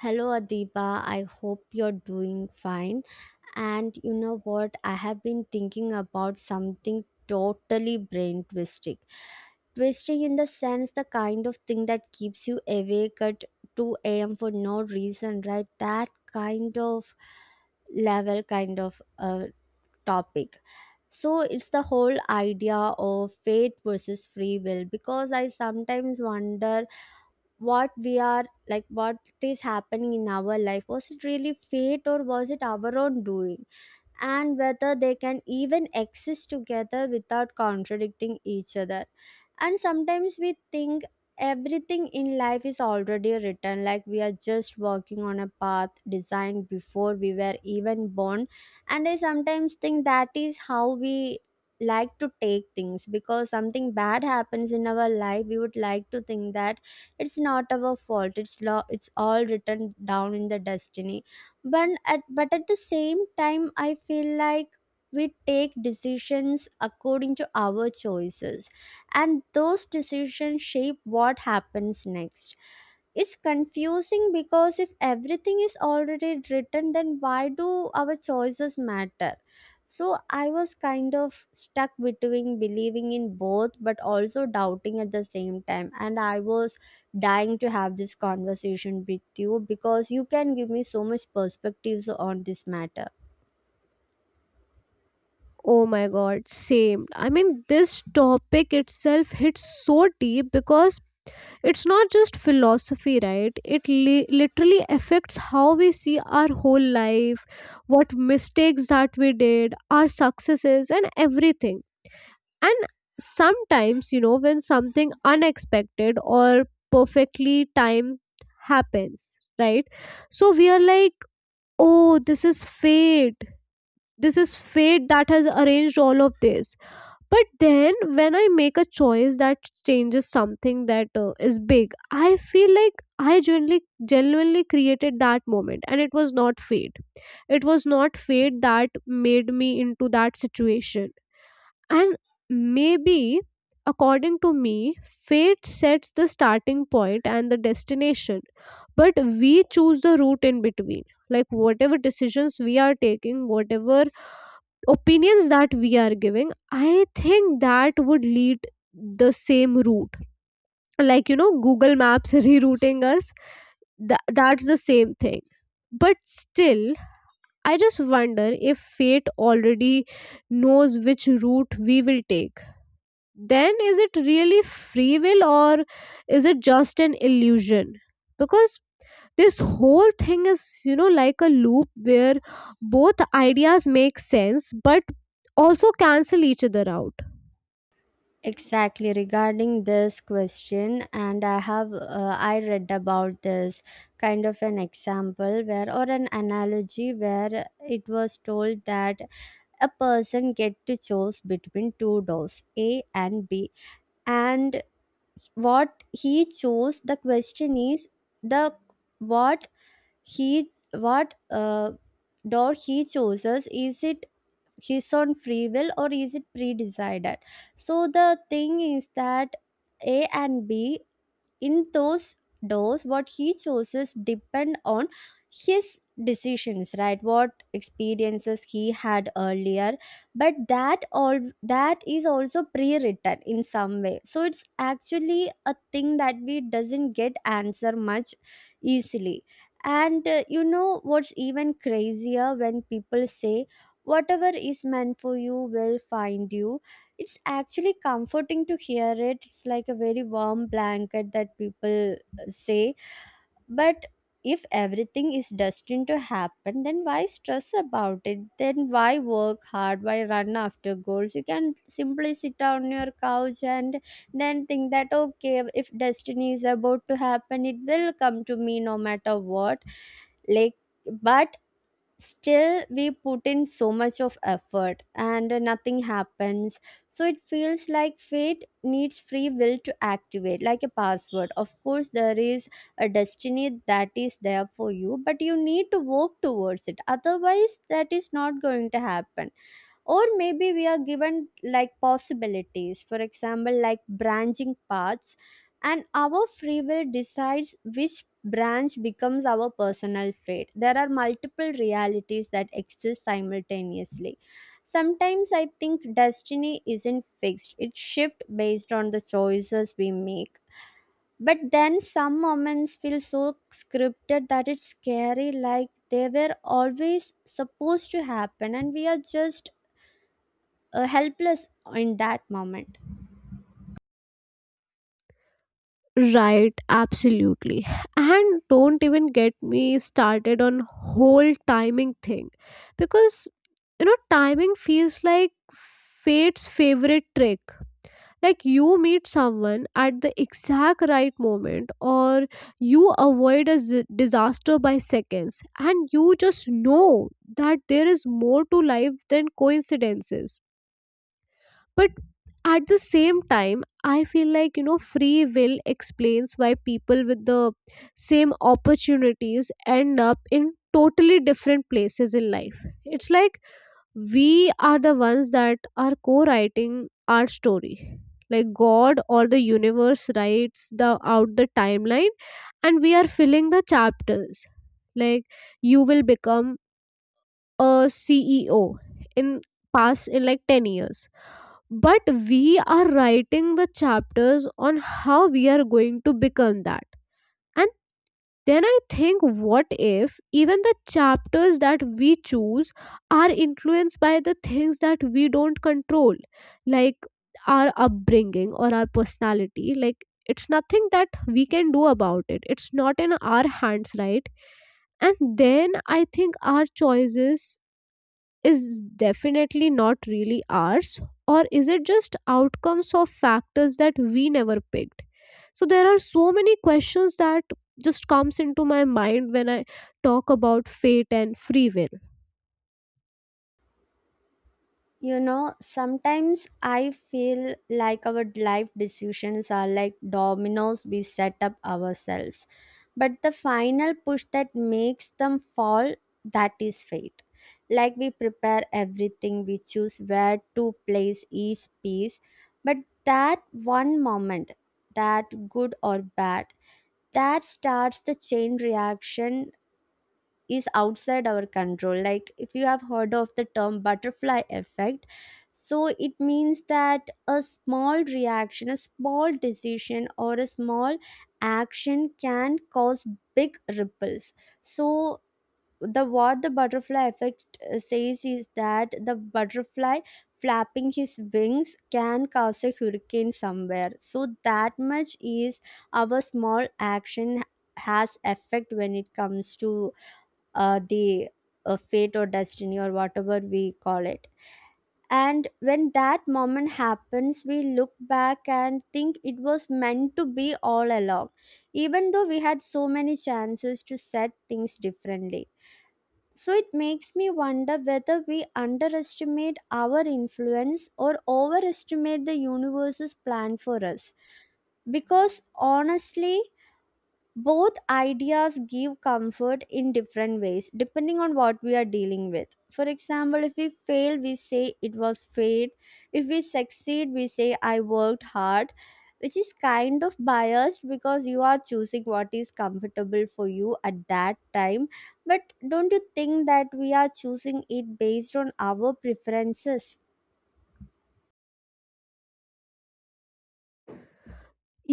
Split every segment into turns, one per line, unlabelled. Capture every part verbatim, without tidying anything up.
Hello Adiba, I hope you're doing fine. And you know what? I have been thinking about something totally brain twisting. Twisting in the sense the kind of thing that keeps you awake at two a m for no reason, right? That kind of level, kind of uh, topic. So it's the whole idea of fate versus free will, because I sometimes wonder what we are, like, what is happening in our life. Was it really fate, or was it our own doing, and whether they can even exist together without contradicting each other. And sometimes we think everything in life is already written, like we are just walking on a path designed before we were even born. And I sometimes think that is how we like to take things, because something bad happens in our life we would like to think that it's not our fault, it's law, it's all written down in the destiny, but at, but at the same time I feel like we take decisions according to our choices, and those decisions shape what happens next. It's confusing, because if everything is already written, then why do our choices matter? So I was kind of stuck between believing in both, but also doubting at the same time. And I was dying to have this conversation with you, because you can give me so much perspectives on this matter.
Oh my god, same. I mean, this topic itself hits so deep because it's not just philosophy, right? It li- literally affects how we see our whole life, what mistakes that we did, our successes, and everything. And sometimes, you know, when something unexpected or perfectly timed happens, right? So we are like, oh, this is fate. This is fate that has arranged all of this, but then when I make a choice that changes something that uh, is big, I feel like I genuinely genuinely created that moment, and it was not fate. It was not fate that made me into that situation. And maybe, according to me, fate sets the starting point and the destination, but we choose the route in between. Like, whatever decisions we are taking, whatever opinions that we are giving, I think that would lead the same route, like, you know, google maps rerouting us. Tha- that's the same thing. But still, I just wonder, if fate already knows which route we will take, then is it really free will, or is it just an illusion? Because this whole thing is, you know, like a loop where both ideas make sense but also cancel each other out.
Exactly, regarding this question, and I have uh, I read about this kind of an example where, or an analogy where it was told that a person get to choose between two doors A and B, and what he chose, the question is, the what he what uh, door he chooses, is it his own free will or is it pre-decided? So the thing is that A and B, in those doors, what he chooses depend on his decisions, right? What experiences he had earlier, but that all that is also pre-written in some way. So it's actually a thing that we doesn't get answer much easily. And uh, you know what's even crazier, when people say whatever is meant for you will find you, it's actually comforting to hear it. It's like a very warm blanket that people uh, say. But if everything is destined to happen, then why stress about it? Then why work hard? Why run after goals? You can simply sit on your couch and then think that, okay, if destiny is about to happen, it will come to me no matter what. Like, but still we put in so much of effort and nothing happens. So it feels like fate needs free will to activate, like a password. Of course there is a destiny that is there for you, but you need to work towards it, otherwise that is not going to happen. Or maybe we are given like possibilities, for example, like branching paths, and our free will decides which branch becomes our personal fate. There are multiple realities that exist simultaneously. Sometimes I think destiny isn't fixed, it shifts based on the choices we make. But then some moments feel so scripted that it's scary, like they were always supposed to happen and we are just uh, helpless in that moment.
Right, absolutely. And don't even get me started on whole timing thing, because, you know, timing feels like fate's favorite trick. Like, you meet someone at the exact right moment, or you avoid a z- disaster by seconds, and you just know that there is more to life than coincidences. But at the same time, I feel like, you know, free will explains why people with the same opportunities end up in totally different places in life. It's like we are the ones that are co-writing our story. Like, god or the universe writes the out the timeline, and we are filling the chapters. Like, you will become a ceo in past in like ten years, but we are writing the chapters on how we are going to become that. And then I think, what if even the chapters that we choose are influenced by the things that we don't control, like our upbringing or our personality? Like, it's nothing that we can do about it, it's not in our hands, right? And then I think our choices is definitely not really ours, or is it just outcomes of factors that we never picked? So there are so many questions that just comes into my mind when I talk about fate and free will.
You know sometimes I feel like our life decisions are like dominoes we set up ourselves, but the final push that makes them fall, that is fate. Like, we prepare everything, we choose where to place each piece, but that one moment, that good or bad, that starts the chain reaction is outside our control. Like, if you have heard of the term butterfly effect, so it means that a small reaction, a small decision, or a small action can cause big ripples. So the what the butterfly effect uh, says is that the butterfly flapping his wings can cause a hurricane somewhere. So that much is, our small action has effect when it comes to uh, the uh, fate or destiny or whatever we call it. And when that moment happens, we look back and think it was meant to be all along, even though we had so many chances to set things differently. So it makes me wonder whether we underestimate our influence or overestimate the universe's plan for us. Because honestly, both ideas give comfort in different ways, depending on what we are dealing with. For example, if we fail we say it was fate, if we succeed we say I worked hard, which is kind of biased, because you are choosing what is comfortable for you at that time. But don't you think that we are choosing it based on our preferences?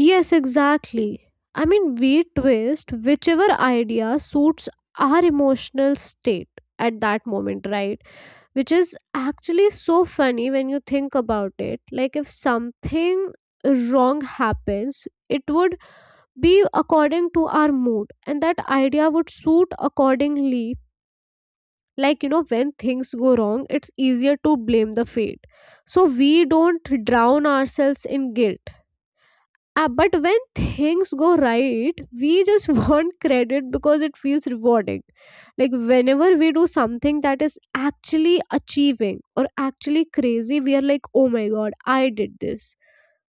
Yes, exactly. I mean, we twist whichever idea suits our emotional state at that moment, right? Which is actually so funny when you think about it. Like, if something wrong happens, it would be according to our mood, and that idea would suit accordingly. Like, you know, when things go wrong, it's easier to blame the fate, so we don't drown ourselves in guilt. Uh, but when things go right, we just want credit because it feels rewarding. Like, whenever we do something that is actually achieving or actually crazy, we are like, oh my god, I did this.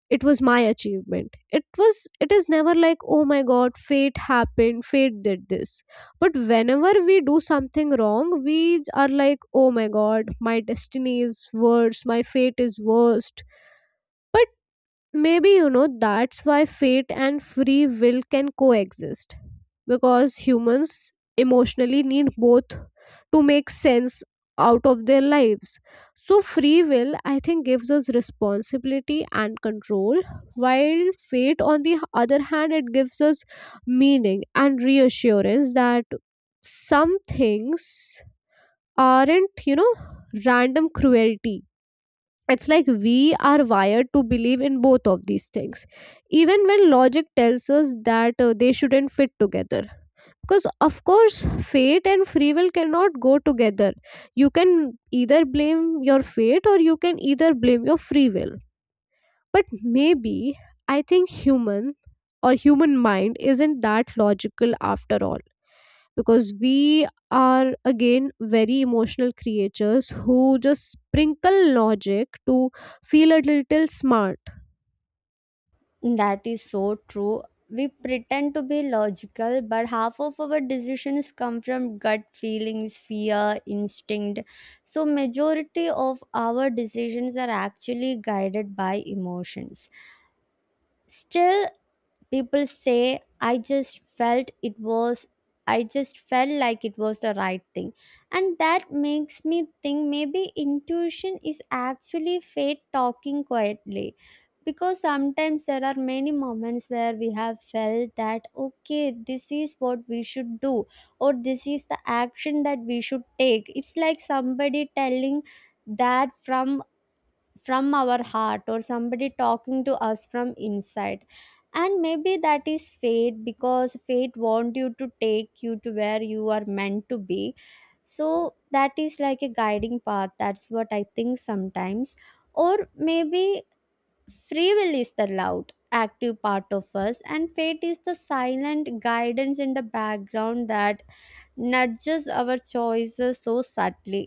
It was my achievement. It was, it is never like, oh my god, fate happened, fate did this. But whenever we do something wrong, we are like, oh my god, my destiny is worse, my fate is worst. Maybe, you know, that's why fate and free will can coexist. Because humans emotionally need both to make sense out of their lives. So, free will, I think, gives us responsibility and control, while fate, on the other hand, it gives us meaning and reassurance that some things aren't, you know, random cruelty. It's like we are wired to believe in both of these things, even when logic tells us that uh, they shouldn't fit together. Because of course fate and free will cannot go together. You can either blame your fate, or you can either blame your free will. But maybe, I think human or human mind isn't that logical after all, because we are again very emotional creatures who just sprinkle logic to feel a little smart.
That is so true. We pretend to be logical, but half of our decisions come from gut feelings, fear, instinct. So majority of our decisions are actually guided by emotions. Still, people say, I just felt it was, I just felt like it was the right thing. And that makes me think maybe intuition is actually fate talking quietly. Because sometimes there are many moments where we have felt that, okay, this is what we should do, or this is the action that we should take. It's like somebody telling that from from our heart, or somebody talking to us from inside. And maybe that is fate, because fate want you to take you to where you are meant to be. So that is like a guiding path, that's what I think sometimes. Or maybe free will is the loud active part of us, and fate is the silent guidance in the background that nudges our choices so subtly.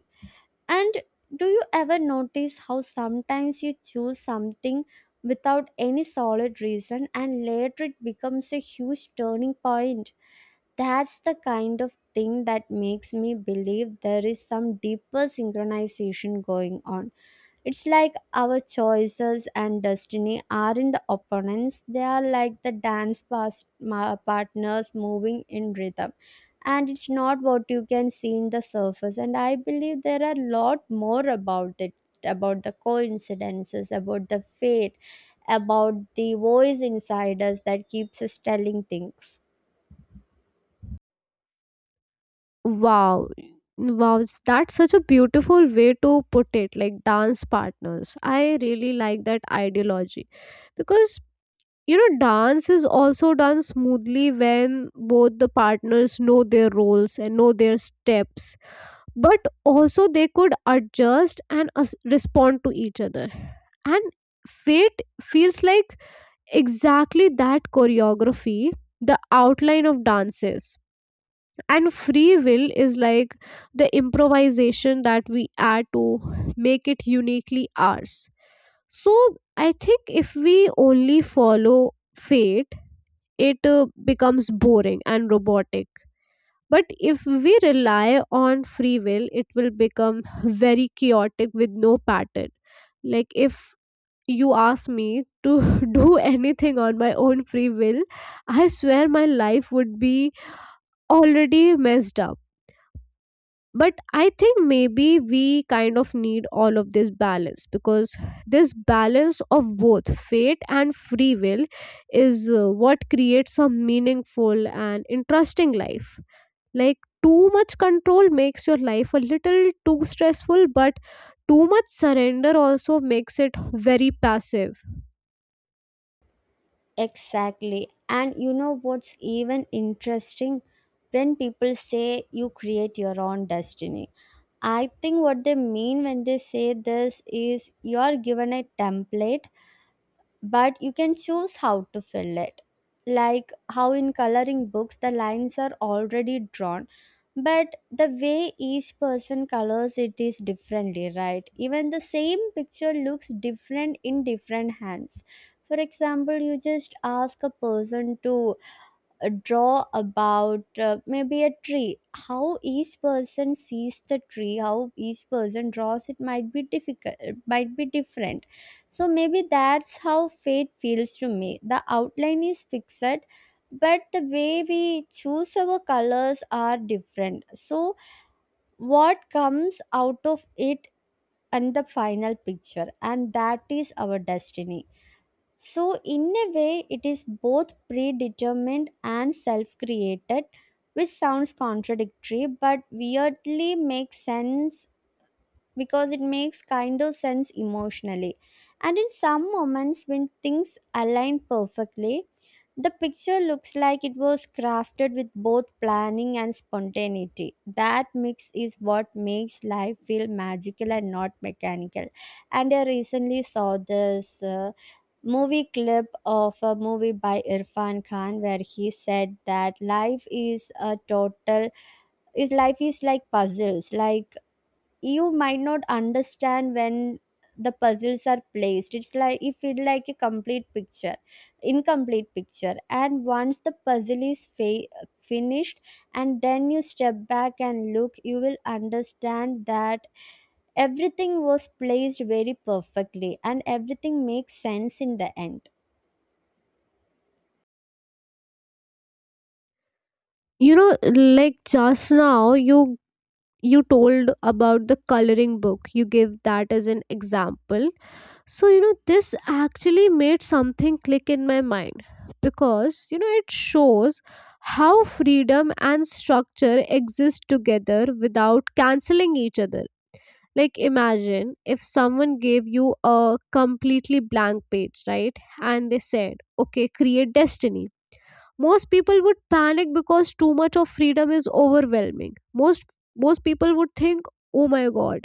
And do you ever notice how sometimes you choose something without any solid reason and later it becomes a huge turning point? That's the kind of thing that makes me believe there is some deeper synchronization going on. It's like our choices and destiny aren't the opponents, they are like the dance past ma- partners moving in rhythm. And it's not what you can see in the surface. And I believe there are a lot more about it, about the coincidences, about the fate, about the voice inside us that keeps us telling things.
Wow. Wow s- that's such a beautiful way to put it, like dance partners. I really like that ideology because, you know, dance is also done smoothly when both the partners know their roles and know their steps, but also they could adjust and as- respond to each other. And fate feels like exactly that choreography, the outline of dances, and free will is like the improvisation that we add to make it uniquely ours. So I think if we only follow fate, it uh, becomes boring and robotic. But if we rely on free will, it will become very chaotic with no pattern. Like, if you ask me to do anything on my own free will, I swear my life would be already messed up. But I think maybe we kind of need all of this balance, because this balance of both fate and free will is uh, what creates a meaningful and interesting life. Like too much control makes your life a little too stressful, but too much surrender also makes it very passive.
Exactly. And you know what's even interesting? When people say you create your own destiny, I think what they mean when they say this is, you're given a template but you can choose how to fill it. Like, how in coloring books the lines are already drawn, but the way each person colors it is differently, right? Even the same picture looks different in different hands. For example, you just ask a person to uh, draw about uh, maybe a tree. How each person sees the tree, how each person draws it might be difficult, it might be different. So maybe that's how fate feels to me. The outline is fixed, but the way we choose our colors are different. So what comes out of it, and the final picture, and that is our destiny. So, in a way, it is both predetermined and self created, which sounds contradictory but weirdly makes sense, because it makes kind of sense emotionally. And in some moments, when things align perfectly, the picture looks like it was crafted with both planning and spontaneity. That mix is what makes life feel magical and not mechanical. And I recently saw this. uh, movie clip of a movie by Irfan Khan, where he said that life is a total is life is like puzzles. Like, you might not understand when the puzzles are placed, it's like you feel like a complete picture incomplete picture. And once the puzzle is fa- finished, and then you step back and look, you will understand that everything was placed very perfectly and everything makes sense in the end.
You know, like just now you you told about the coloring book. You gave that as an example. So, you know, this actually made something click in my mind because, you know, it shows how freedom and structure exist together without canceling each other. Like, imagine if someone gave you a completely blank page, right? And they said, okay, create destiny. Most people would panic because too much of freedom is overwhelming. Most most people would think, oh my god,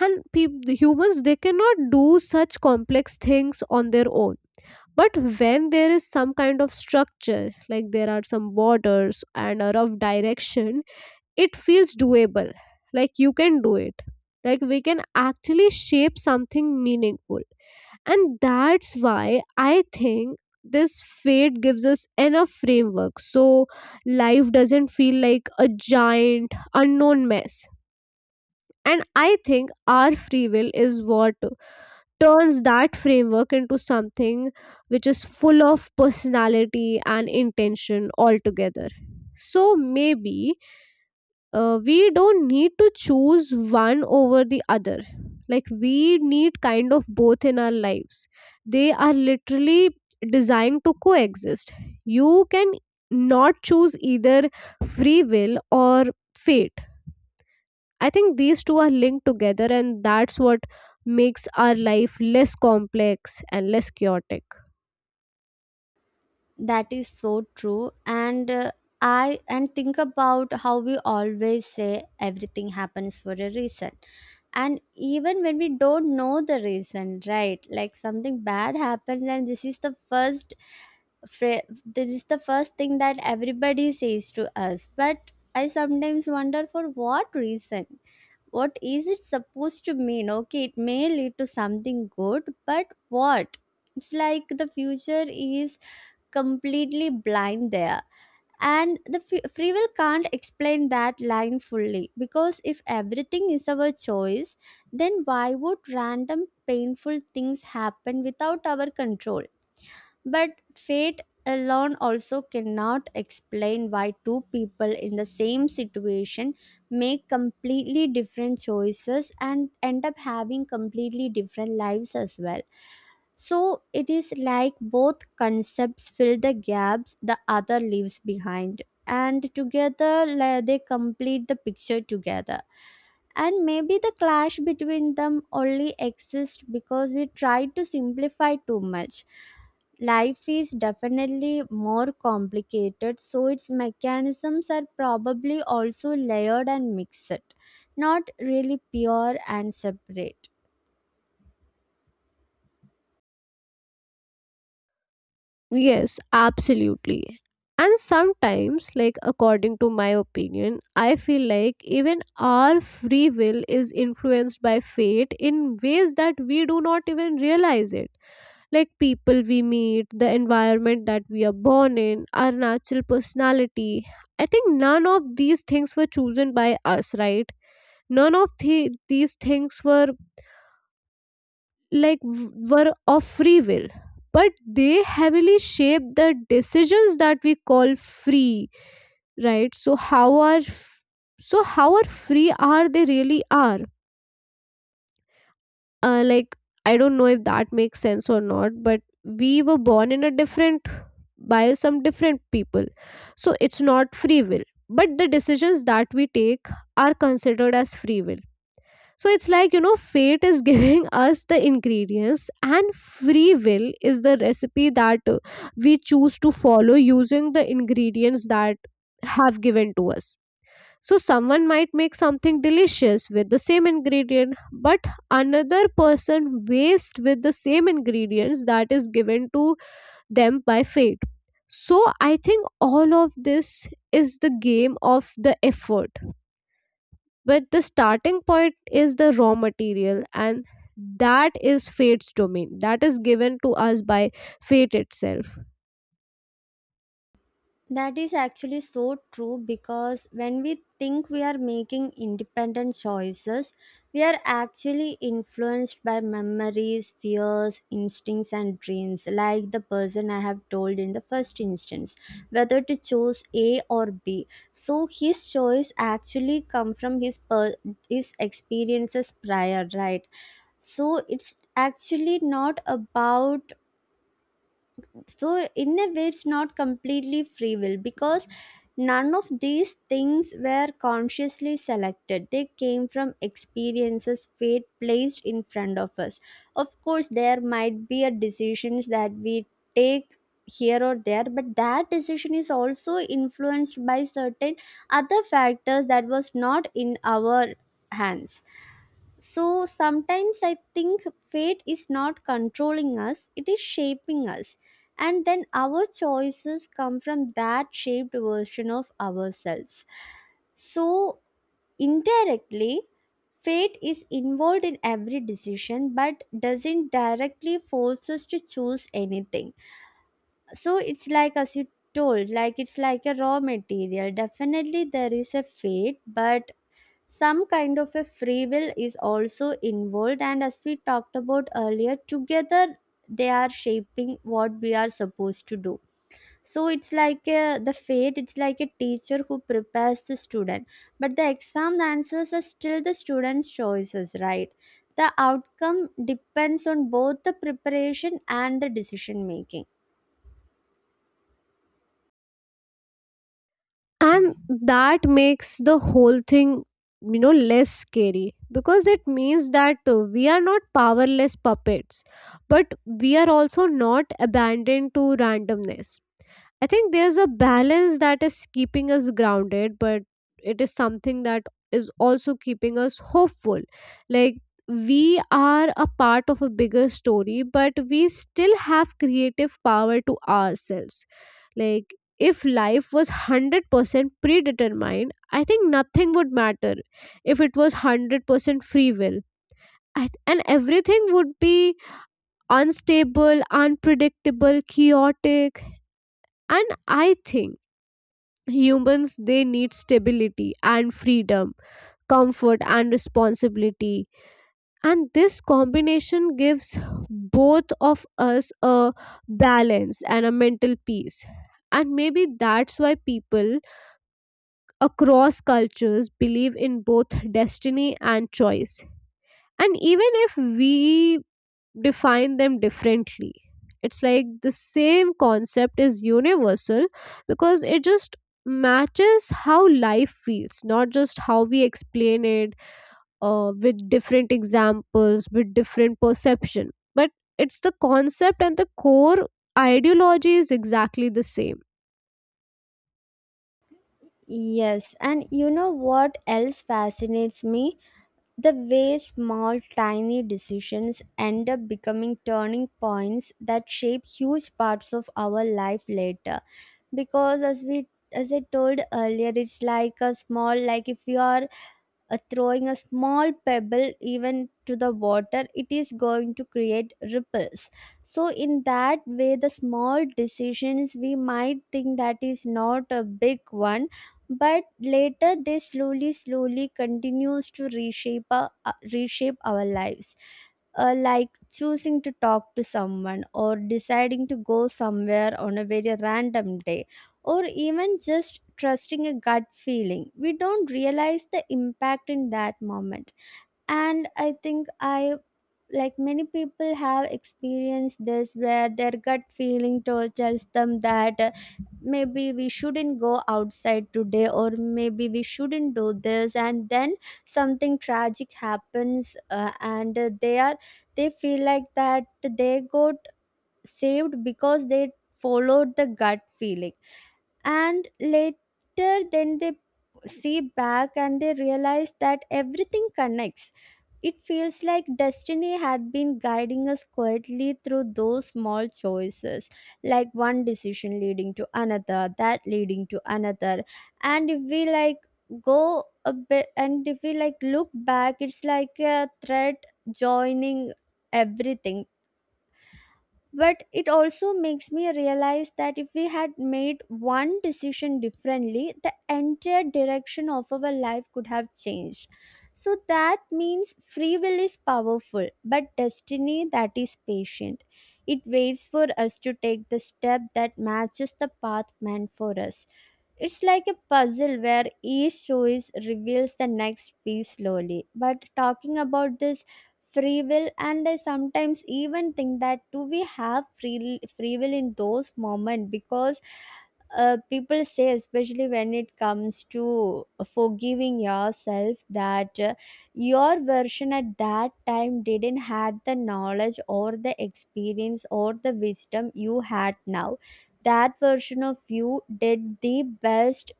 and peop- the humans, they cannot do such complex things on their own. But when there is some kind of structure, like there are some borders and a rough direction, it feels doable. Like, you can do it. Like, we can actually shape something meaningful. And that's why I think this fate gives us enough framework so life doesn't feel like a giant unknown mess. And I think our free will is what turns that framework into something which is full of personality and intention altogether. So maybe uh, we don't need to choose one over the other. Like we need kind of both in our lives. They are literally designed to coexist. You can not choose either free will or fate. I think these two are linked together, and that's what makes our life less complex and less chaotic.
That is so true. And uh, I and think about how we always say everything happens for a reason. And even when we don't know the reason, right? Like, something bad happens and this is the first fra- this is the first thing that everybody says to us. But I sometimes wonder, for what reason? What is it supposed to mean? Okay, it may lead to something good, but what? It's like the future is completely blind there. And the f- free will can't explain that line fully, because if everything is our choice, then why would random painful things happen without our control? But fate alone also cannot explain why two people in the same situation make completely different choices and end up having completely different lives as well. So it is like both concepts fill the gaps the other leaves behind, and together like, they complete the picture together, and maybe the clash between them only exists because we try to simplify too much. Life is definitely more complicated, so its mechanisms are probably also layered and mixed, not really pure and separate.
Yes, absolutely. And sometimes, like according to my opinion, I feel like even our free will is influenced by fate in ways that we do not even realize it. Like people we meet, the environment that we are born in, our natural personality. I think none of these things were chosen by us, right? None of the, these things were like w- were of free will, but they heavily shape the decisions that we call free, right? So how are f- so how are free, are they really are, uh, like, I don't know if that makes sense or not, but we were born in a different, by some different people, so it's not free will, but the decisions that we take are considered as free will. So it's like, you know, fate is giving us the ingredients, and free will is the recipe that uh, we choose to follow using the ingredients that have given to us. So someone might make something delicious with the same ingredient, but another person waste with the same ingredients that is given to them by fate. So I think all of this is the game of the effort, but the starting point is the raw material, and that is fate's domain, that is given to us by fate itself.
That is actually so true, because when we think we are making independent choices, we are actually influenced by memories, fears, instincts, and dreams, like the person I have told in the first instance, whether to choose A or B. So his choice actually come from his per- his experiences prior, right? So it's actually not about so in a way it's not completely free will, because none of these things were consciously selected. They came from experiences fate placed in front of us. Of course there might be a decisions that we take here or there, but that decision is also influenced by certain other factors that was not in our hands. So sometimes I think fate is not controlling us, it is shaping us. And then our choices come from that shaped version of ourselves. So indirectly, fate is involved in every decision, but doesn't directly force us to choose anything. So it's like, as you told, like it's like a raw material. Definitely there is a fate, but some kind of a free will is also involved, and as we talked about earlier, together they are shaping what we are supposed to do. So it's like a, the fate, it's like a teacher who prepares the student, but the exam answers are still the student's choices, right? The outcome depends on both the preparation and the decision making.
And that makes the whole thing, you know, less scary, because it means that uh, we are not powerless puppets, but we are also not abandoned to randomness. I think there's a balance that is keeping us grounded, but it is something that is also keeping us hopeful. Like, we are a part of a bigger story, but we still have creative power to ourselves. Like, if life was one hundred percent predetermined, I think nothing would matter. If it was one hundred percent free will. I- And everything would be unstable, unpredictable, chaotic. And I think humans, they need stability and freedom, comfort and responsibility. And this combination gives both of us a balance and a mental peace. And maybe that's why people across cultures believe in both destiny and choice. And even if we define them differently, it's like the same concept is universal, because it just matches how life feels, not just how we explain it uh, with different examples, with different perception. But it's the concept and the core ideology is exactly the same.
Yes, and you know what else fascinates me? The way small, tiny decisions end up becoming turning points that shape huge parts of our life later. Because as we as I told earlier, it's like a small, like if you are uh, throwing a small pebble even to the water, it is going to create ripples. So in that way, the small decisions, we might think that is not a big one, but later they slowly slowly continues to reshape our, uh, reshape our lives, uh, like choosing to talk to someone, or deciding to go somewhere on a very random day, or even just trusting a gut feeling. We don't realize the impact in that moment. And I think I like many people have experienced this, where their gut feeling told, tells them that uh, maybe we shouldn't go outside today, or maybe we shouldn't do this, and then something tragic happens, uh, and uh, they are they feel like that they got saved because they followed the gut feeling, and later then they see back and they realize that everything connects. It feels like destiny had been guiding us quietly through those small choices, like one decision leading to another, that leading to another. And if we like go a bit, and if we like look back, it's like a thread joining everything. But it also makes me realize that if we had made one decision differently, the entire direction of our life could have changed. So that means free will is powerful, but destiny, that is patient. It waits for us to take the step that matches the path meant for us. It's like a puzzle where each choice reveals the next piece slowly. But talking about this free will, and I sometimes even think that do we have free, free will in those moments? Because uh, people say, especially when it comes to forgiving yourself, that uh, your version at that time didn't had the knowledge or the experience or the wisdom you had now. That version of you did the best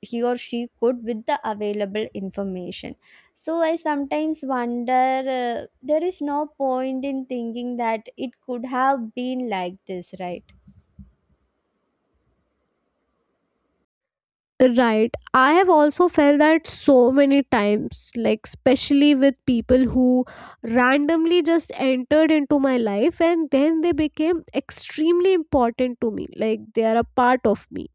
he or she could with the available information. So I sometimes wonder, uh, there is no point in thinking that it could have been like this, right?
Right. I have also felt that so many times, like, especially with people who randomly just entered into my life and then they became extremely important to me. Like, they are a part of me.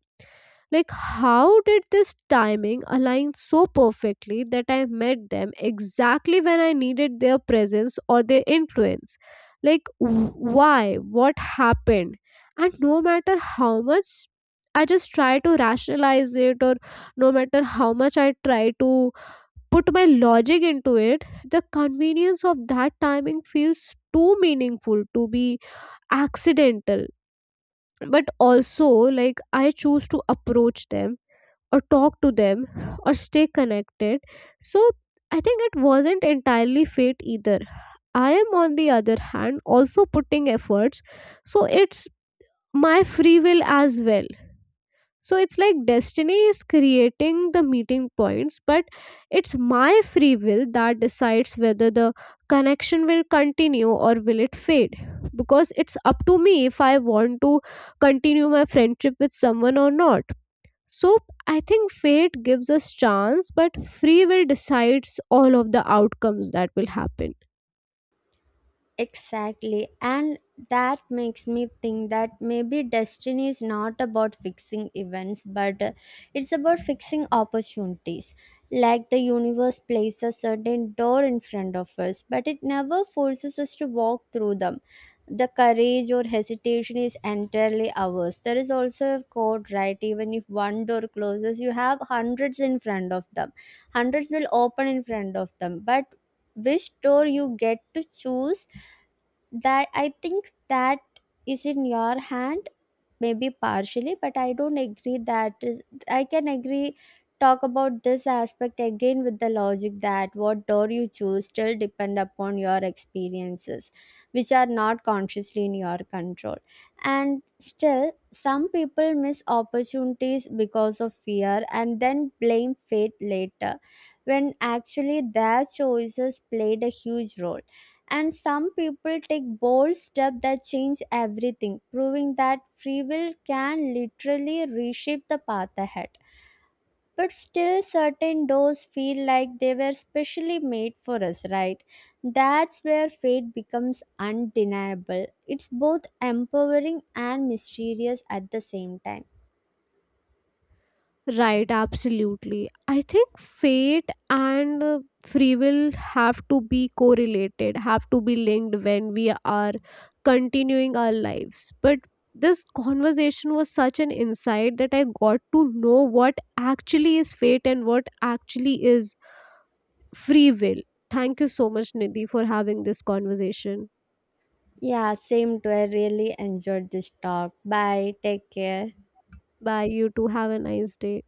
Like, how did this timing align so perfectly that I met them exactly when I needed their presence or their influence? Like, wh- why? What happened? And no matter how much I just try to rationalize it, or no matter how much I try to put my logic into it, the convenience of that timing feels too meaningful to be accidental. But also, like, I choose to approach them or talk to them or stay connected. So, I think it wasn't entirely fate either. I am, on the other hand, also putting efforts. So, it's my free will as well. So it's like destiny is creating the meeting points, but it's my free will that decides whether the connection will continue or will it fade. Because it's up to me if I want to continue my friendship with someone or not. So I think fate gives us chance, but free will decides all of the outcomes that will happen.
Exactly. And that makes me think that maybe destiny is not about fixing events, but uh, it's about fixing opportunities. Like the universe places a certain door in front of us, but it never forces us to walk through them. The courage or hesitation is entirely ours. There is also a quote, right? Even if one door closes, you have hundreds in front of them. Hundreds will open in front of them. But which door you get to choose, that I think that is in your hand. Maybe partially, but I don't agree that is, I can agree talk about this aspect again with the logic that what door you choose still depend upon your experiences, which are not consciously in your control. And still, some people miss opportunities because of fear and then blame fate later, when actually their choices played a huge role. And some people take bold steps that change everything, proving that free will can literally reshape the path ahead. But still, certain doors feel like they were specially made for us, right? That's where fate becomes undeniable. It's both empowering and mysterious at the same time.
Right, absolutely. I think fate and uh, free will have to be correlated, have to be linked when we are continuing our lives. But this conversation was such an insight that I got to know what actually is fate and what actually is free will. Thank you so much, Nidhi, for having this conversation.
Yeah, same too. I really enjoyed this talk. Bye. Take care.
Bye. You too. Have a nice day.